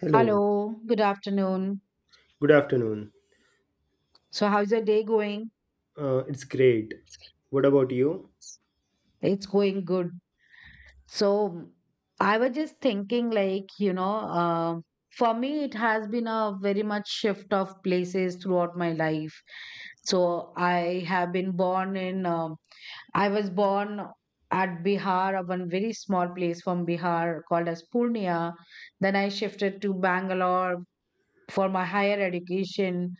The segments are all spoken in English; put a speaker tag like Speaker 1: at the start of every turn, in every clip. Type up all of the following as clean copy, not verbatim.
Speaker 1: Hello,
Speaker 2: Hello, good afternoon.
Speaker 1: good afternoon.
Speaker 2: So, how's your day going?
Speaker 1: It's great. What about you?
Speaker 2: It's going good. So, I was just thinking, like, for me, it has been a very much shift of places throughout my life. So, I have been born in, I was born at Bihar, a one very small place from Bihar called as Purnia. Then I shifted to Bangalore for my higher education.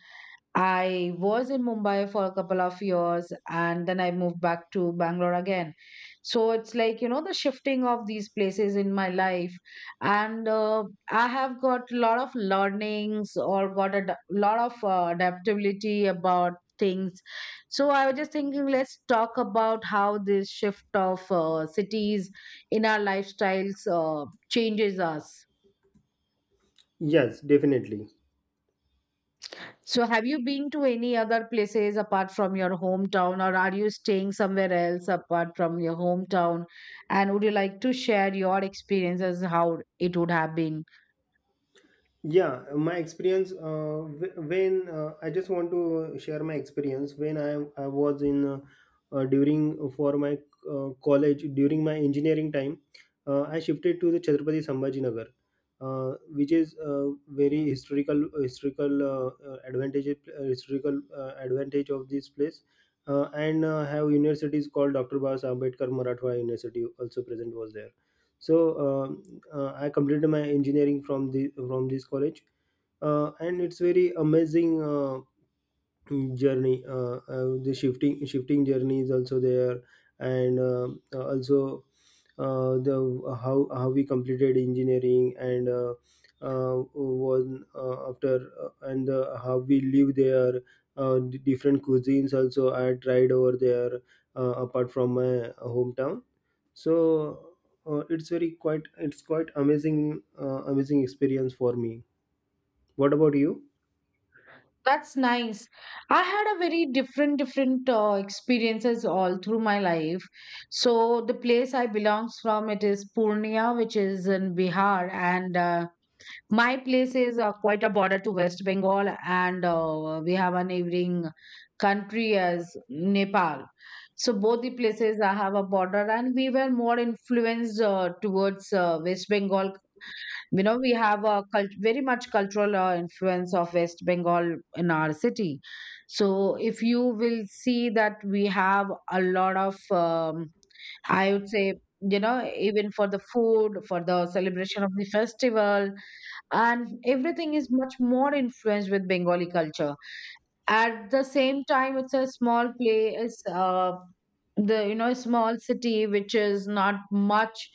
Speaker 2: I was in Mumbai for a couple of years and then I moved back to Bangalore again. So it's like, the shifting of these places in my life. And I have got a lot of learnings or got a lot of adaptability about things. So I was just thinking, let's talk about how this shift of cities in our lifestyles changes us.
Speaker 1: Yes, definitely.
Speaker 2: So, have you been to any other places apart from your hometown, or are you staying somewhere else apart from your hometown? And would you like to share your experiences, how it would have been?
Speaker 1: Yeah, my experience. When I just want to share my experience when I was in, during for my college during my engineering time. I shifted to the Chhatrapati Sambhajinagar, which is a very historical advantage of this place, and have universities called Dr. Baba Ambedkar Marathwada University also present was there. So, um I completed my engineering from the from this college, and it's very amazing journey. The shifting journey is also there, and also the how we completed engineering, and one after and how we live there. Different cuisines also I tried over there, apart from my hometown. So it's quite amazing, amazing experience for me. What about you?
Speaker 2: That's nice. I had a very different experiences all through my life. So, the place I belongs from, it is Purnia, which is in Bihar, and my place is quite a border to West Bengal, and we have a neighboring country as Nepal. So both the places have a border, and we were more influenced towards West Bengal. You know, we have a very much cultural influence of West Bengal in our city. So if you will see that we have a lot of I would say, even for the food, for the celebration of the festival, and everything is much more influenced with Bengali culture. At the same time, it's a small place, the small city which is not much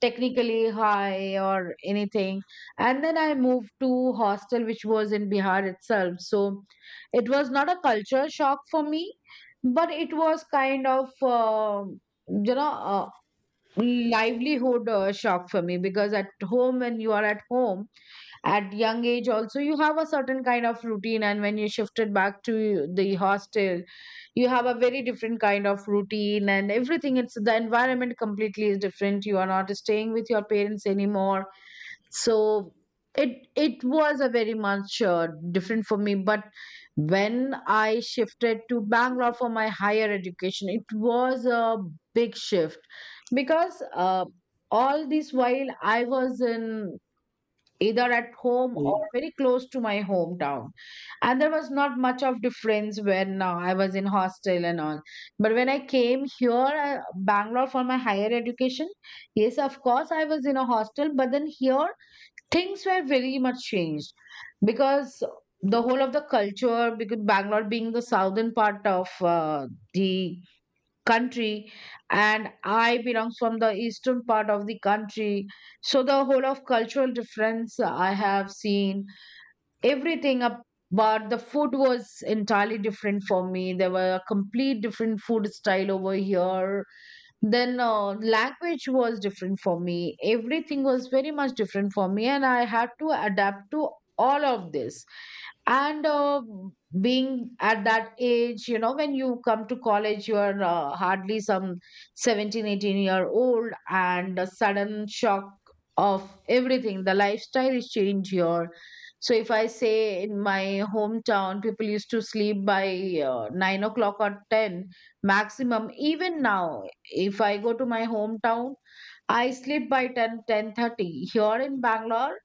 Speaker 2: technically high or anything. And then I moved to hostel which was in Bihar itself, so it was not a culture shock for me, but it was kind ofyou know uh, livelihood shock for me because at home, when you are at home at young age also, you have a certain kind of routine. And when you shifted back to the hostel, you have a very different kind of routine, and everything, it's the environment completely is different. You are not staying with your parents anymore. So it was a very much different for me. But when I shifted to Bangalore for my higher education, it was a big shift, because all this while I was in either at home or
Speaker 1: Y-
Speaker 2: very close to my hometown, and there was not much of difference when I was in hostel and all. But when I came here, uh, Bangalore for my higher education, yes, of course, I was in a hostel, but then here things were very much changed, because the whole of the culture, because Bangalore being the southern part of the country, and I belong from the eastern part of the country. So the whole of cultural difference I have seen, everything up, but the food was entirely different for me. There were a complete different food style over here. Then language was different for me. Everything was very much different for me, and I had to adapt to all of this. And being at that age, you know, when you come to college, you are hardly some 17, 18 year old, and a sudden shock of everything, the lifestyle is changed here. So if I say, in my hometown people used to sleep by 9 o'clock or 10 maximum. Even now, if I go to my hometown, I sleep by 10, 10:30. Here in Bangalore,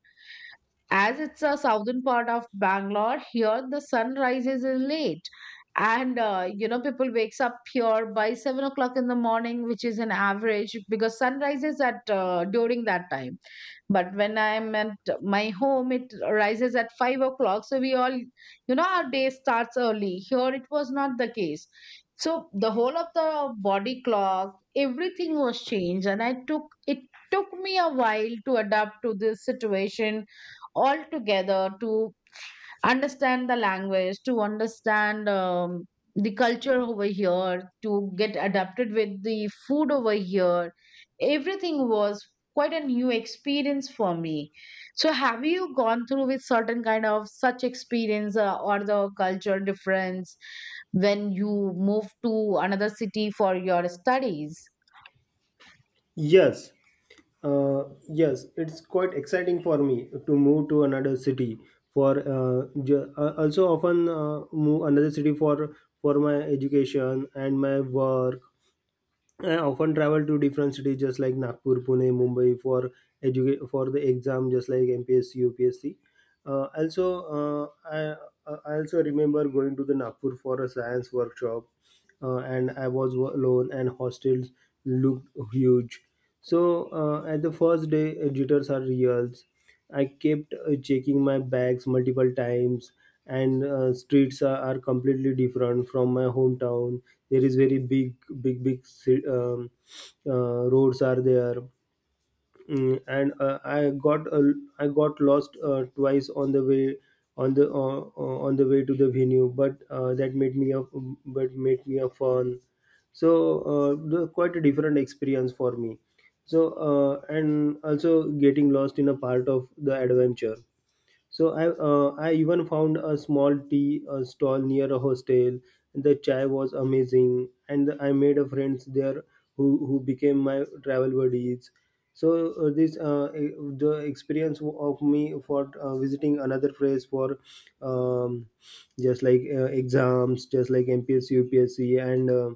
Speaker 2: as it's a southern part of Bangalore, here the sun rises in late. And you know, people wakes up here by 7 o'clock in the morning, which is an average because sun rises at during that time. But when I'm at my home, it rises at 5 o'clock. So we all, our day starts early. Here it was not the case. So the whole of the body clock, everything was changed, and I took it took me a while to adapt to this situation altogether, to understand the language, to understand the culture over here, to get adapted with the food over here. Everything was quite a new experience for me. So, have you gone through with certain kind of such experience or the culture difference when you move to another city for your studies?
Speaker 1: yes uh, yes, it's quite exciting for me to move to another city also often move another city for my education and my work. I often travel to different cities just like Nagpur, Pune, Mumbai for for the exam just like MPSC, UPSC. Uh, also, uh, I also remember going to the Nagpur for a science workshop, and I was alone and hostels looked huge. So at the first day, jitters are real. I kept checking my bags multiple times, and streets are completely different from my hometown. There is very big, big, big roads are there. Mm, and I got lost twice on the way, on the way to the venue, but that made me a but made me a fun. So quite a different experience for me. So and also getting lost in a part of the adventure. So I even found a small tea stall near a hostel. The chai was amazing, and I made a friends there who became my travel buddies. So uh, this uh, e- the experience of me for visiting another place for um, just like exams, just like MPSC, UPSC, and uh,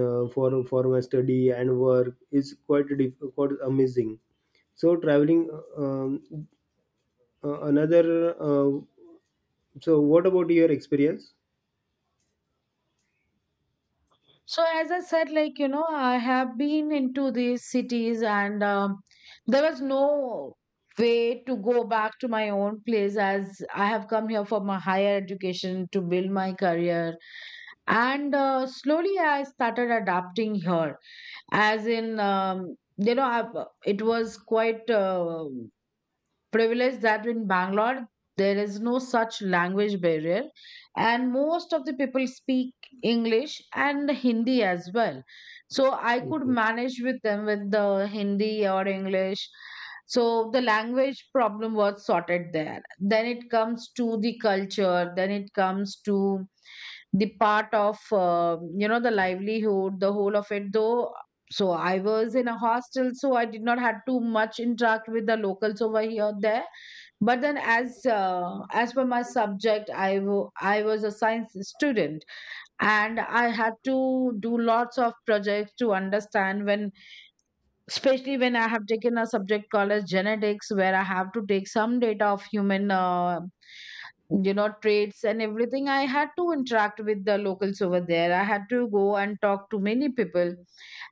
Speaker 1: uh, for for my study and work is quite amazing. So traveling um, uh, another, uh, so what about your experience?
Speaker 2: So as I said, like I have been into these cities, and there was no way to go back to my own place as I have come here for my higher education to build my career. And slowly, I started adapting here, as in. It was quite privilege that in Bangalore there is no such language barrier, and most of the people speak English and Hindi as well. So I could
Speaker 1: Okay.
Speaker 2: manage with them with the Hindi or English. So the language problem was sorted there. Then it comes to the culture, then it comes to the part of the livelihood, the whole of it though. So I was in a hostel, so I did not have too much interact with the locals over here there. But then as per my subject, I was a science student, and I had to do lots of projects to understand when especially when I have taken a subject called as genetics, where I have to take some data of human trades and everything. I had to interact with the locals over there. I had to go and talk to many people,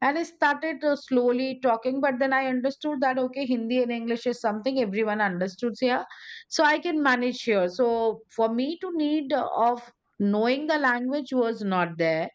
Speaker 2: and I started slowly talking. But then I understood that okay, Hindi and English is something everyone understood here, so I can manage here. So for me, to need of knowing the language was not there.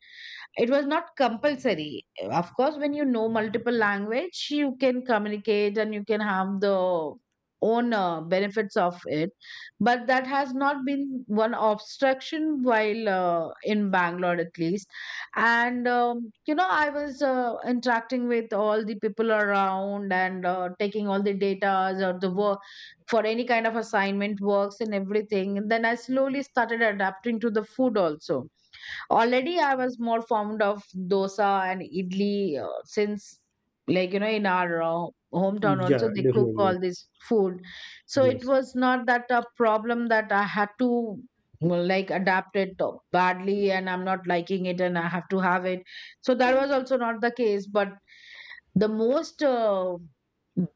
Speaker 2: It was not compulsory. Of course, when you know multiple language, you can communicate and you can have the own benefits of it. But that has not been one obstruction while in Bangalore, at least. And I was interacting with all the people around and taking all the data or the work for any kind of assignment works and everything. And then I slowly started adapting to the food also. Already, I was more fond of dosa and idli since, like, in our hometown
Speaker 1: Yeah,
Speaker 2: also, they cook
Speaker 1: definitely.
Speaker 2: all this food. So it
Speaker 1: Yes.
Speaker 2: was not that a problem that I had to, well, like adapt it badly, and I'm not liking it and I have to have it. So that was also not the case. But the most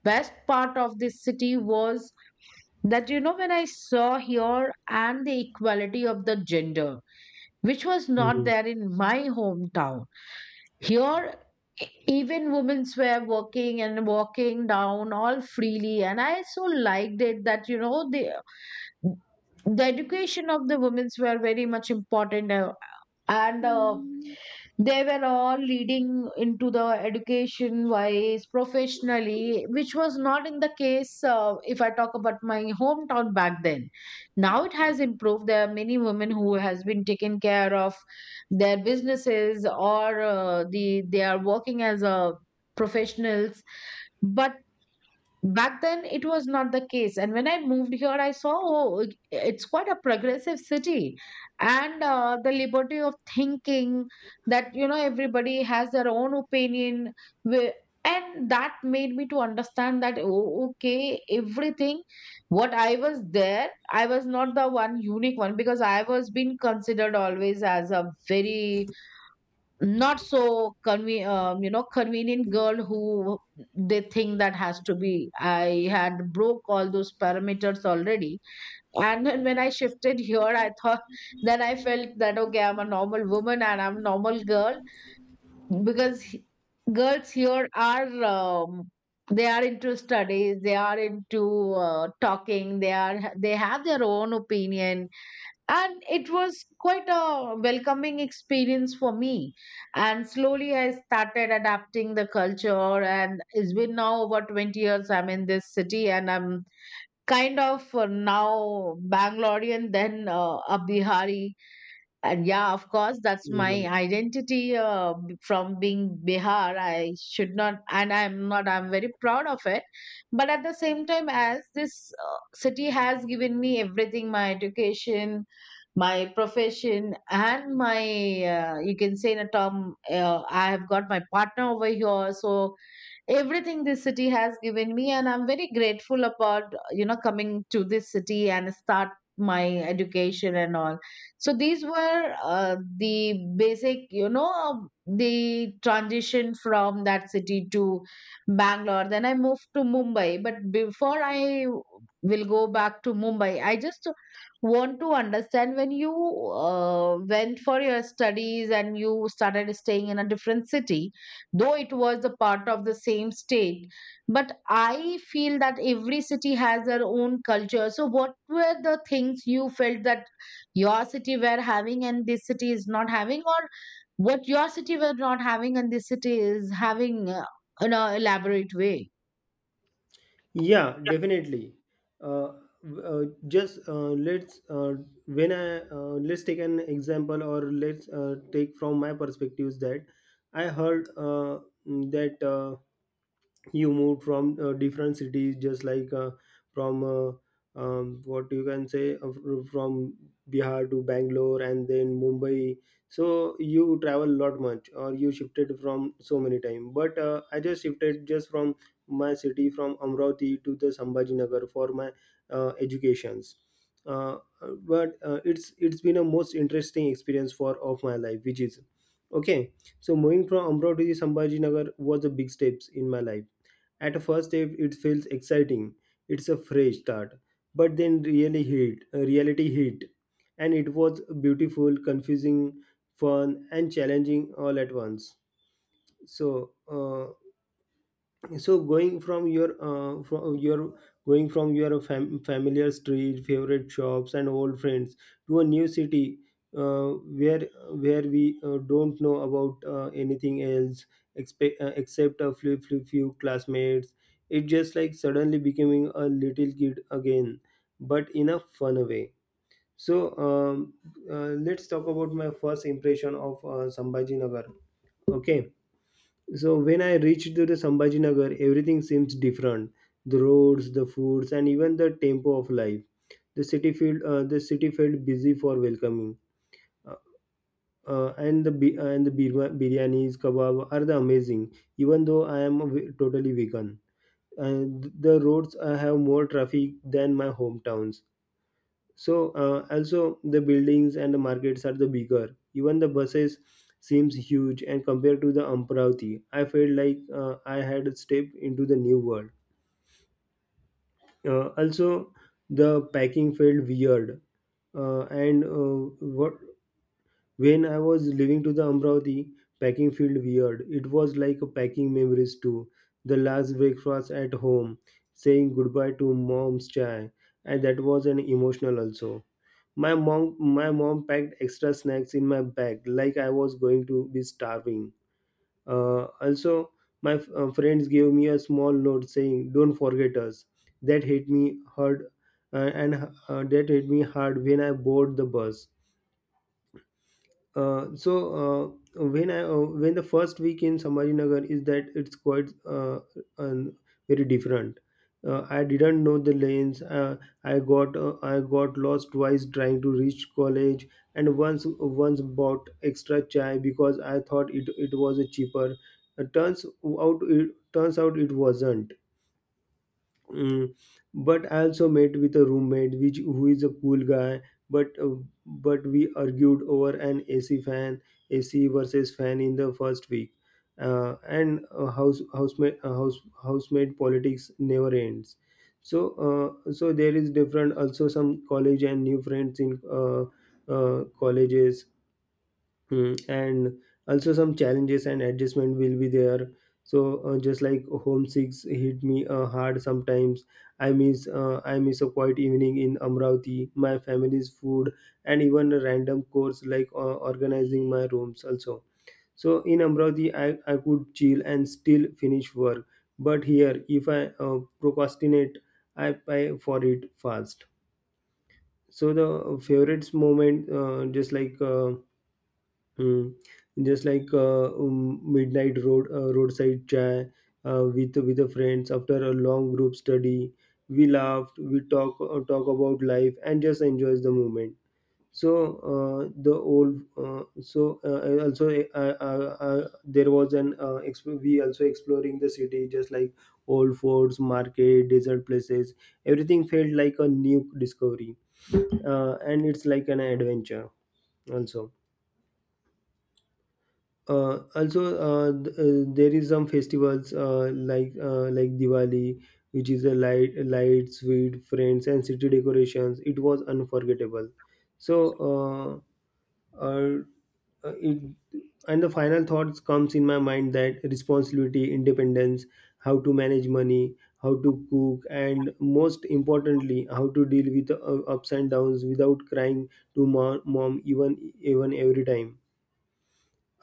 Speaker 2: best part of this city was that when I saw here and the equality of the gender, which was not
Speaker 1: Hmm.
Speaker 2: there in my hometown. Here, even women were working and walking down all freely, and I so liked it that the education of the women's were very much important, and they were all leading into the education wise, professionally, which was not in the case if I talk about my hometown back then. Now it has improved. There are many women who has been taken care of their businesses or they are working as a professionals, but back then it was not the case. And when I moved here, I saw, oh, it's quite a progressive city. And the liberty of thinking, that everybody has their own opinion, wi- and that made me to understand that oh, okay, everything what I was there, I was not the one unique one, because I was being considered always as a very not so convenient girl who they think that has to be, I had broke all those parameters already. And then when I shifted here, I thought then I felt that okay, I'm a normal woman and I'm a normal girl, because girls here are they are into studies, they are into talking, they have their own opinion. And it was quite a welcoming experience for me, and slowly I started adapting the culture. And it's been now over 20 years I'm in this city, and I'm kind of now Bangalorean then a Bihari. And yeah, of course, that's
Speaker 1: Yes.
Speaker 2: my identity from being Bihar. I should not, and I'm not, I'm very proud of it. But at the same time, as this city has given me everything, my education, my profession, and my, you can say in a term, I have got my partner over here. So everything this city has given me, and I'm very grateful about coming to this city and start my education and all. So these were the basic, the transition from that city to Bangalore. Then I moved to Mumbai, but before I will go back to Mumbai, I just want to understand, when you went for your studies and you started staying in a different city, though it was a part of the same state, but I feel that every city has their own culture. So what were the things you felt that your city were having and this city is not having, or what your city were not having and this city is having, in a elaborate way?
Speaker 1: Yeah, definitely. Uh, w- just let's when I Let's take an example, or let's take from my perspectives that I heard, that. You moved from different cities just like from what you can say from Bihar to Bangalore and then Mumbai. So you travel a lot much, or you shifted from so many time, but I just shifted just from my city from Amravati to the Sambhajinagar for my educations. Uh, but uh, it's been a most interesting experience for of my life, which is okay. So moving from Amravati to Sambhajinagar was a big steps in my life. At first, it feels exciting. It's a fresh start. But then reality hit. And it was beautiful, confusing, fun, and challenging all at once. So, uh, so going from your Going from your familiar street, favorite shops, and old friends to a new city, uh, where where we don't know about anything else except a few classmates. It just like suddenly becoming a little kid again, but in a fun way. So let's talk about my first impression of Sambhaji. Okay. So when I reached to the Sambhajinagar, everything seems different. The roads, the foods, and even the tempo of life. The city felt busy for welcoming. Uh, and the bi- and the birma- biryanis, kebab are the amazing. Even though I am a totally vegan, and the roads have more traffic than my hometowns. So also the buildings and the markets are the bigger, even the buses seems huge, and compared to the Amravati I felt like I had a step into the new world. Uh, also the packing felt weird and what When I was leaving to the Amravati, packing felt weird. It was like packing memories too. The last breakfast at home, saying goodbye to mom's chai, and that was an emotional also. My mom packed extra snacks in my bag, like I was going to be starving. Also, my friends gave me a small note saying, "Don't forget us." That hit me hard, uh, and that hit me hard when I board the bus. Uh, so when the first week in Samajinagar is that it's quite, um, very different. I didn't know the lanes. I got lost twice trying to reach college, and once bought extra chai because I thought it was a cheaper. Turns out it wasn't. Mm, but I also met with a roommate which who is a cool guy, but uh, but we argued over an AC versus fan in the first week. And house housemate house Housemate politics never ends. So so there is different also, some college and new friends in colleges. Hmm, and also some challenges and adjustment will be there. So just like homesick hit me, hard sometimes. I miss a quiet evening in Amravati, my family's food, and even a random course like organizing my rooms also. So in Amravati, I could chill and still finish work, but here if I, procrastinate, I pay for it fast. So the favorite moment, just like Hmm. Just like midnight roadside chai with the friends after a long group study. We laughed, we talk about life and just enjoys the moment. So the old so also there was an exp- We also exploring the city just like old forts, market, desert places. Everything felt like a new discovery, and it's like an adventure also. Also, there is some festivals like Diwali, which is a lights, sweet friends, and city decorations. It was unforgettable. So uh, uh, uh, it and the final thoughts comes in my mind: that responsibility, independence, how to manage money, how to cook, and most importantly how to deal with ups and downs without crying to mom, even every time.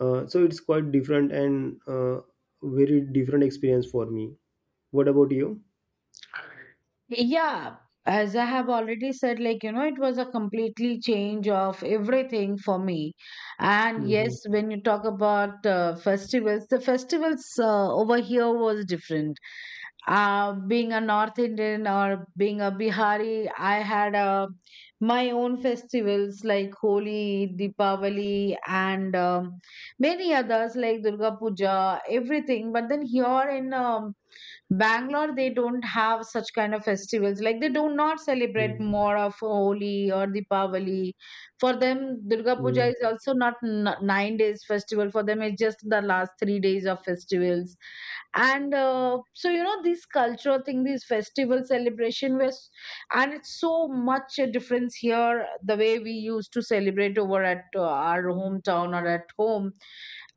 Speaker 1: So it's quite different and very different experience for me. What about you?
Speaker 2: Yeah, as I have already said, like, you know, it was a completely change of everything for me. And
Speaker 1: Mm-hmm.
Speaker 2: yes, when you talk about festivals, the festivals over here was different. Being a North Indian or being a Bihari, I had my own festivals like Holi, Deepavali, and many others like Durga Puja, everything. But then here in Bangalore, they don't have such kind of festivals. Like, they do not celebrate more of Holi or Deepavali. For them, Durga Puja
Speaker 1: Mm-hmm.
Speaker 2: is also not 9 days festival. For them, it's just the last 3 days of festivals. And so you know, this cultural thing, this festival celebration was, and it's so much a difference here the way we used to celebrate over at our hometown or at home,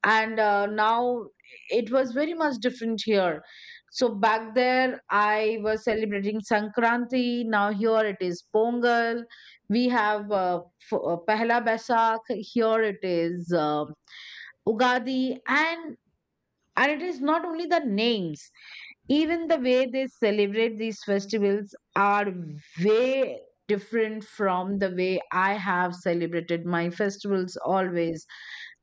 Speaker 2: and now it was very much different here. So back there, I was celebrating Sankranti. Now here it is Pongal. We have Pehla Basak. Here it is Ugadi. And it is not only the names, even the way they celebrate these festivals are way different from the way I have celebrated my festivals always.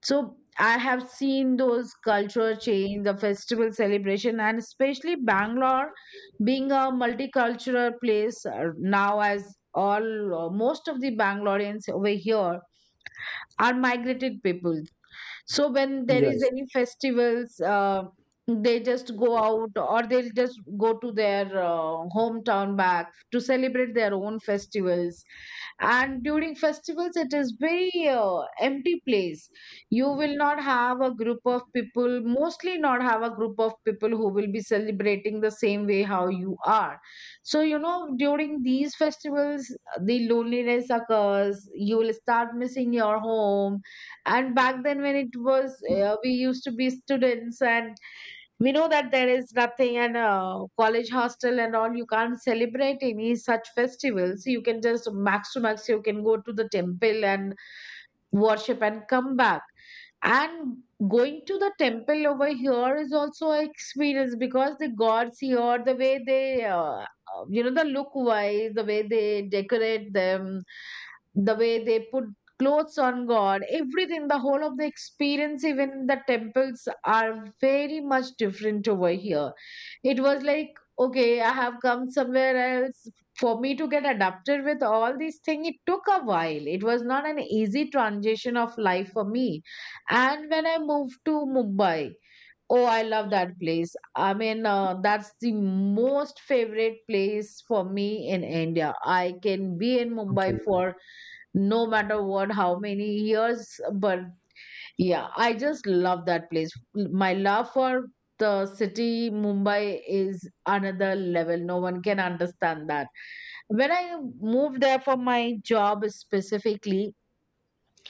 Speaker 2: So I have seen those cultural change, the festival celebration, and especially Bangalore being a multicultural place now, as all most of the Bangaloreans over here are migrated people. So when there is
Speaker 1: Yes.
Speaker 2: any festivals, they just go out, or they'll just go to their hometown back to celebrate their own festivals. And during festivals, it is very empty place. You will not have a group of people, mostly not have a group of people who will be celebrating the same way how you are. So you know, during these festivals, the loneliness occurs. You will start missing your home. And back then, when it was, we used to be students, and we know that there is nothing, and college hostel and all, you can't celebrate any such festivals. You can just max to max you can go to the temple and worship and come back. And going to the temple over here is also an experience, because the gods here, the way they, you know, the look wise, the way they decorate them, the way they put clothes on God, everything, the whole of the experience, even the temples are very much different over here. It was like, okay, I have come somewhere else. For me to get adapted with all these things, it took a while. It was not an easy transition of life for me. And when I moved to Mumbai, oh, I love that place. I mean, that's the most favorite place for me in India. I can be in Mumbai
Speaker 1: Okay.
Speaker 2: for no matter what, how many years, but yeah, I just love that place. My love for the city, Mumbai, is another level. No one can understand that. When I moved there for my job specifically,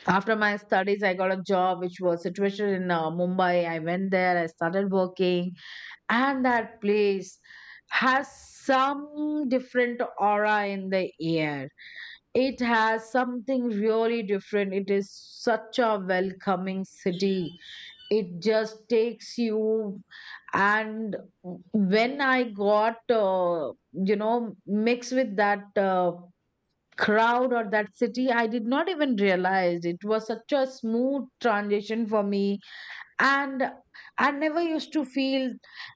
Speaker 2: after my studies, I got a job which was situated in Mumbai. I went there, I started working, and that place has some different aura in the air. It has something really different. It is such a welcoming city. It just takes you. And when I got, mixed with that crowd or that city, I did not even realize. It was such a smooth transition for me, and I never used to feel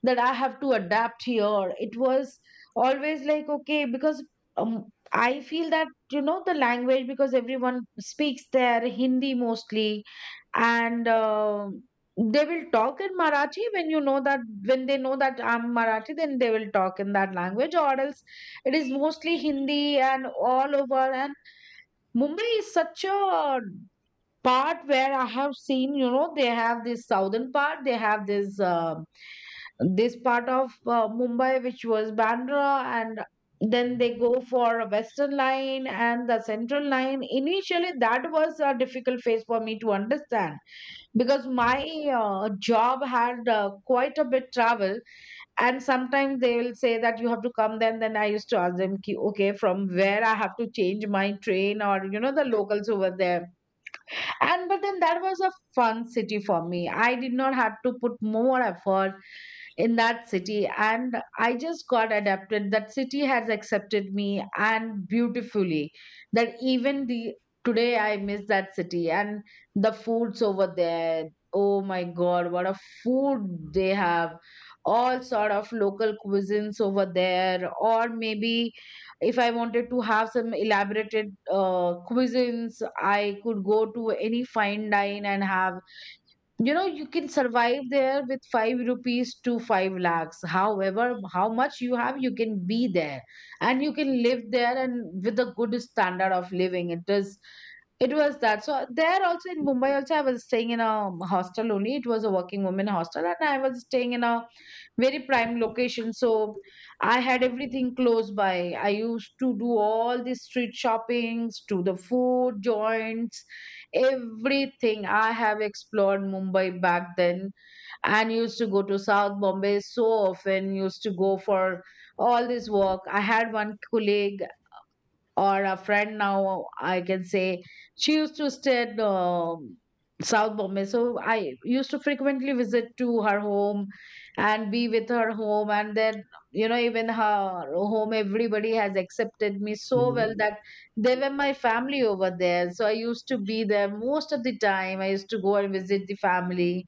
Speaker 2: that I have to adapt here. It was always like okay, because um, I feel that, you know, the language, because everyone speaks there Hindi mostly. And they will talk in Marathi when you know that when they know that I'm Marathi, then they will talk in that language, or else it is mostly Hindi and all over. And Mumbai is such a part where I have seen, you know, they have this southern part, they have this this part of Mumbai which was Bandra, and then they go for a western line and the central line. Initially, that was a difficult phase for me to understand, because my job had quite a bit travel, and sometimes they will say that you have to come, then I used to ask them ki, okay, from where I have to change my train, or you know, the locals over there. And but then that was a fun city for me. I did not have to put more effort in that city, and I just got adapted. That city has accepted me, and beautifully, that even the today I miss that city. And the foods over there, oh my God, what a food they have. All sort of local cuisines over there, or maybe if I wanted to have some elaborated cuisines, I could go to any fine dine and have, you know, you can survive there with 5 rupees to 5 lakhs. However how much you have, you can be there and you can live there, and with a good standard of living. It is, it was that. So there also, in Mumbai also, I was staying in a hostel only. It was a working women hostel, and I was staying in a very prime location. So I had everything close by. I used to do all the street shoppings to the food joints, everything. I have explored Mumbai back then, and used to go to South Bombay so often, used to go for all this work. I had one colleague, or a friend now I can say, she used to stay in South Bombay. So I used to frequently visit to her home and be with her home. And then, you know, even her home, everybody has accepted me so
Speaker 1: Mhm.
Speaker 2: well that they were my family over there. So I used to be there most of the time, I used to go and visit the family.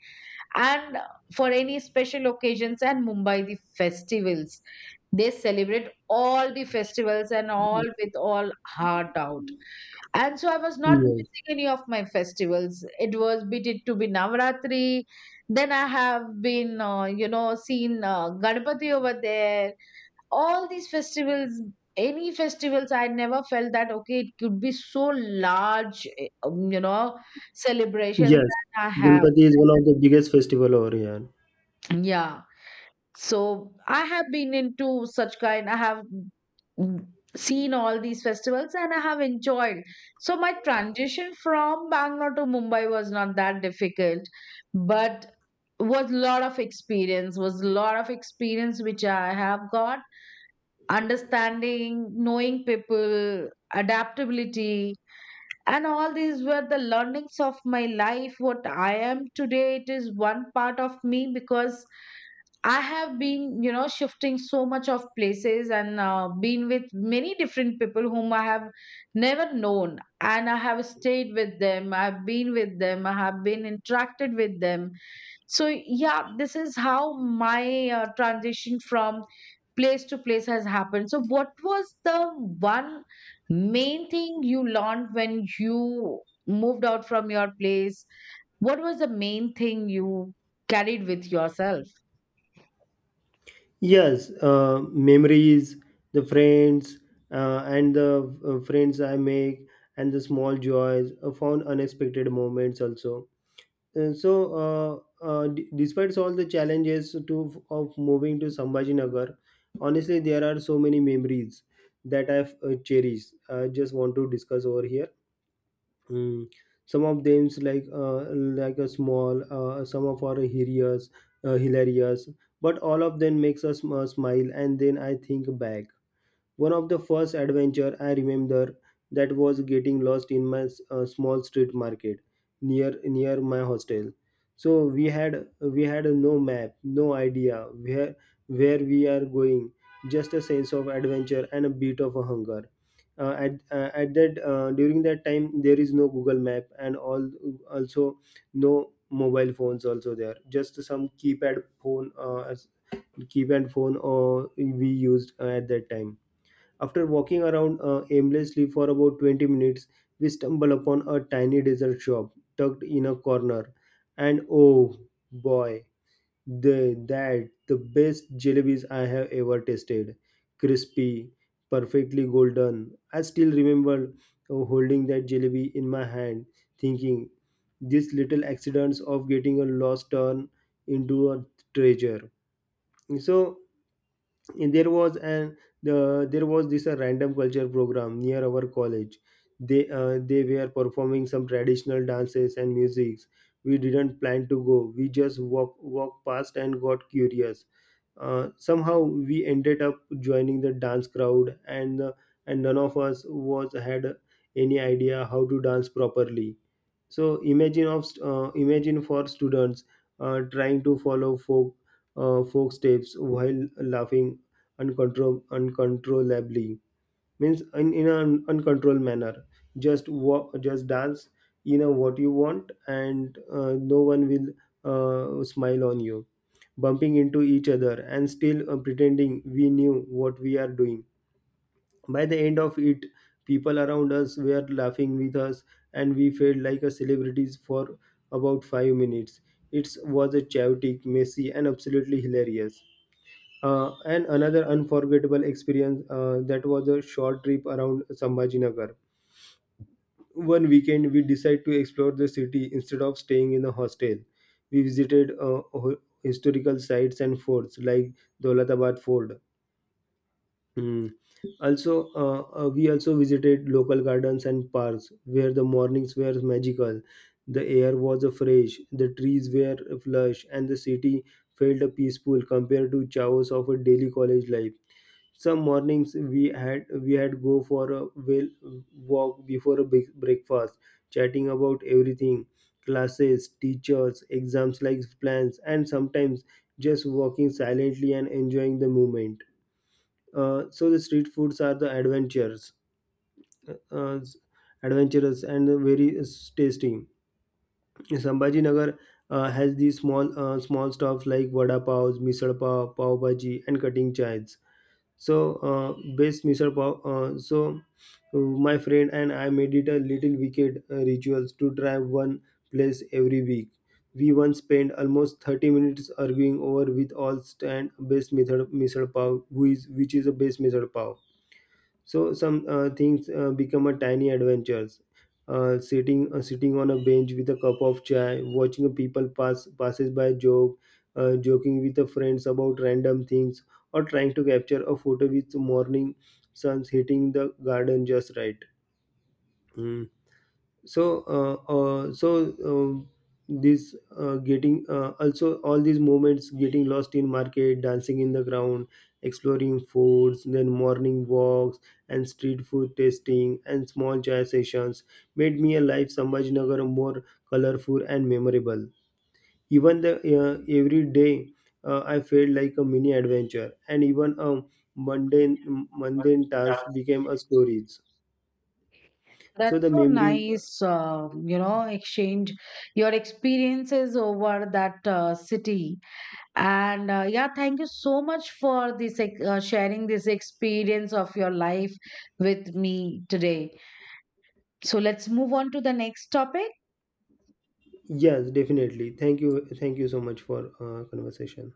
Speaker 2: And for any special occasions, and Mumbai, the festivals, they celebrate all the festivals and all with all heart out. And so I was not
Speaker 1: Yes.
Speaker 2: missing any of my festivals. It was, be it to be Navratri, then I have been, seen Ganpati over there, all these festivals. Any festivals, I never felt that okay, it could be so large, celebrations
Speaker 1: Yes.
Speaker 2: that I have.
Speaker 1: Ganpati is one of the biggest festival over here.
Speaker 2: Yeah. So I have been into such kind, I have, mm, seen all these festivals and I have enjoyed. So my transition from Bangalore to Mumbai was not that difficult, but was lot of experience, was lot of experience which I have got. Understanding, knowing people, adaptability, and all these were the learnings of my life. What I am today, it is one part of me, because I have been, you know, shifting so much of places, and been with many different people whom I have never known. And I have stayed with them, I've been with them, I have been interacted with them. So yeah, this is how my transition from place to place has happened. So what was the one main thing you learned when you moved out from your place? What was the main thing you carried with yourself?
Speaker 1: Yes. Memories, the friends, and the friends I make, and the small joys, found unexpected moments also. Uh, so, Despite all the challenges to of moving to Sambhajinagar, honestly, there are so many memories that I've cherished. I just want to discuss over here. Mm. Some of them's like Like a small, some of are hilarious, uh, hilarious, but all of them makes us smile, and then I think back. One of the first adventure I remember, that was getting lost in my small street market near my hostel. So we had no map, no idea where we are going, just a sense of adventure and a bit of a hunger. At that During that time there is no Google Map and all, also no mobile phones also there, just some keypad phone, keypad phone or we used at that time. After walking around aimlessly for about 20 minutes, we stumble upon a tiny dessert shop tucked in a corner. And oh boy, the best jellies I have ever tasted. Crispy, perfectly golden. I still remember holding that jelly in my hand, thinking these little accidents of getting a lost turn into a treasure. So and there was an the there was this a random culture program near our college. They they were performing some traditional dances and musics. We didn't plan to go, we just walked past and got curious. Somehow we ended up joining the dance crowd, and and none of us was had any idea how to dance properly. So imagine for students trying to follow folk steps while laughing uncontrollably, means in an uncontrolled manner. Just walk, just dance, you know what you want, and no one will, smile on you, bumping into each other and still pretending we knew what we are doing. By the end of it, people around us were laughing with us, and we felt like a celebrities for about 5 minutes. It was a chaotic, messy, and absolutely hilarious. And another unforgettable experience, that was a short trip around Sambhajinagar. One weekend, we decided to explore the city instead of staying in a hostel. We visited historical sites and forts like Dolatabad Fort. Mm. Also, we also visited local gardens and parks where the mornings were magical. The air was fresh, the trees were lush, and the city felt peaceful compared to chaos of a daily college life. Some mornings we had go for a walk before a big breakfast, chatting about everything, classes, teachers, exams like plans, and sometimes just walking silently and enjoying the moment. So the street foods are the uh, adventurous and very tasty. Sambhaji Nagar has these small stuff like vada pav, misal pav, pav bhaji, and cutting chives. So uh, best misal pav. So my friend and I made it a little wicked rituals to try one place every week. We once spent almost 30 minutes arguing over with all stand best method misal pav, who is which is the best misal pav. So some things become a tiny adventures. Sitting on a bench with a cup of chai, watching people passes by, joking with the friends about random things, or trying to capture a photo with morning suns hitting the garden just right. Hmm. So so this getting also all these moments getting lost in market, dancing in the ground, exploring foods, then morning walks, and street food tasting, and small chai sessions made me a life Sambhajinagar more colorful and memorable. Even the every day, I felt like a mini adventure, and even a mundane task became a stories.
Speaker 2: That's
Speaker 1: So the
Speaker 2: so
Speaker 1: memories.
Speaker 2: nice, you know, exchange your experiences over that city. And yeah, thank you so much for this sharing this experience of your life with me today. So let's move on to the next topic.
Speaker 1: Yes, definitely. Thank you. Thank you so much for conversation.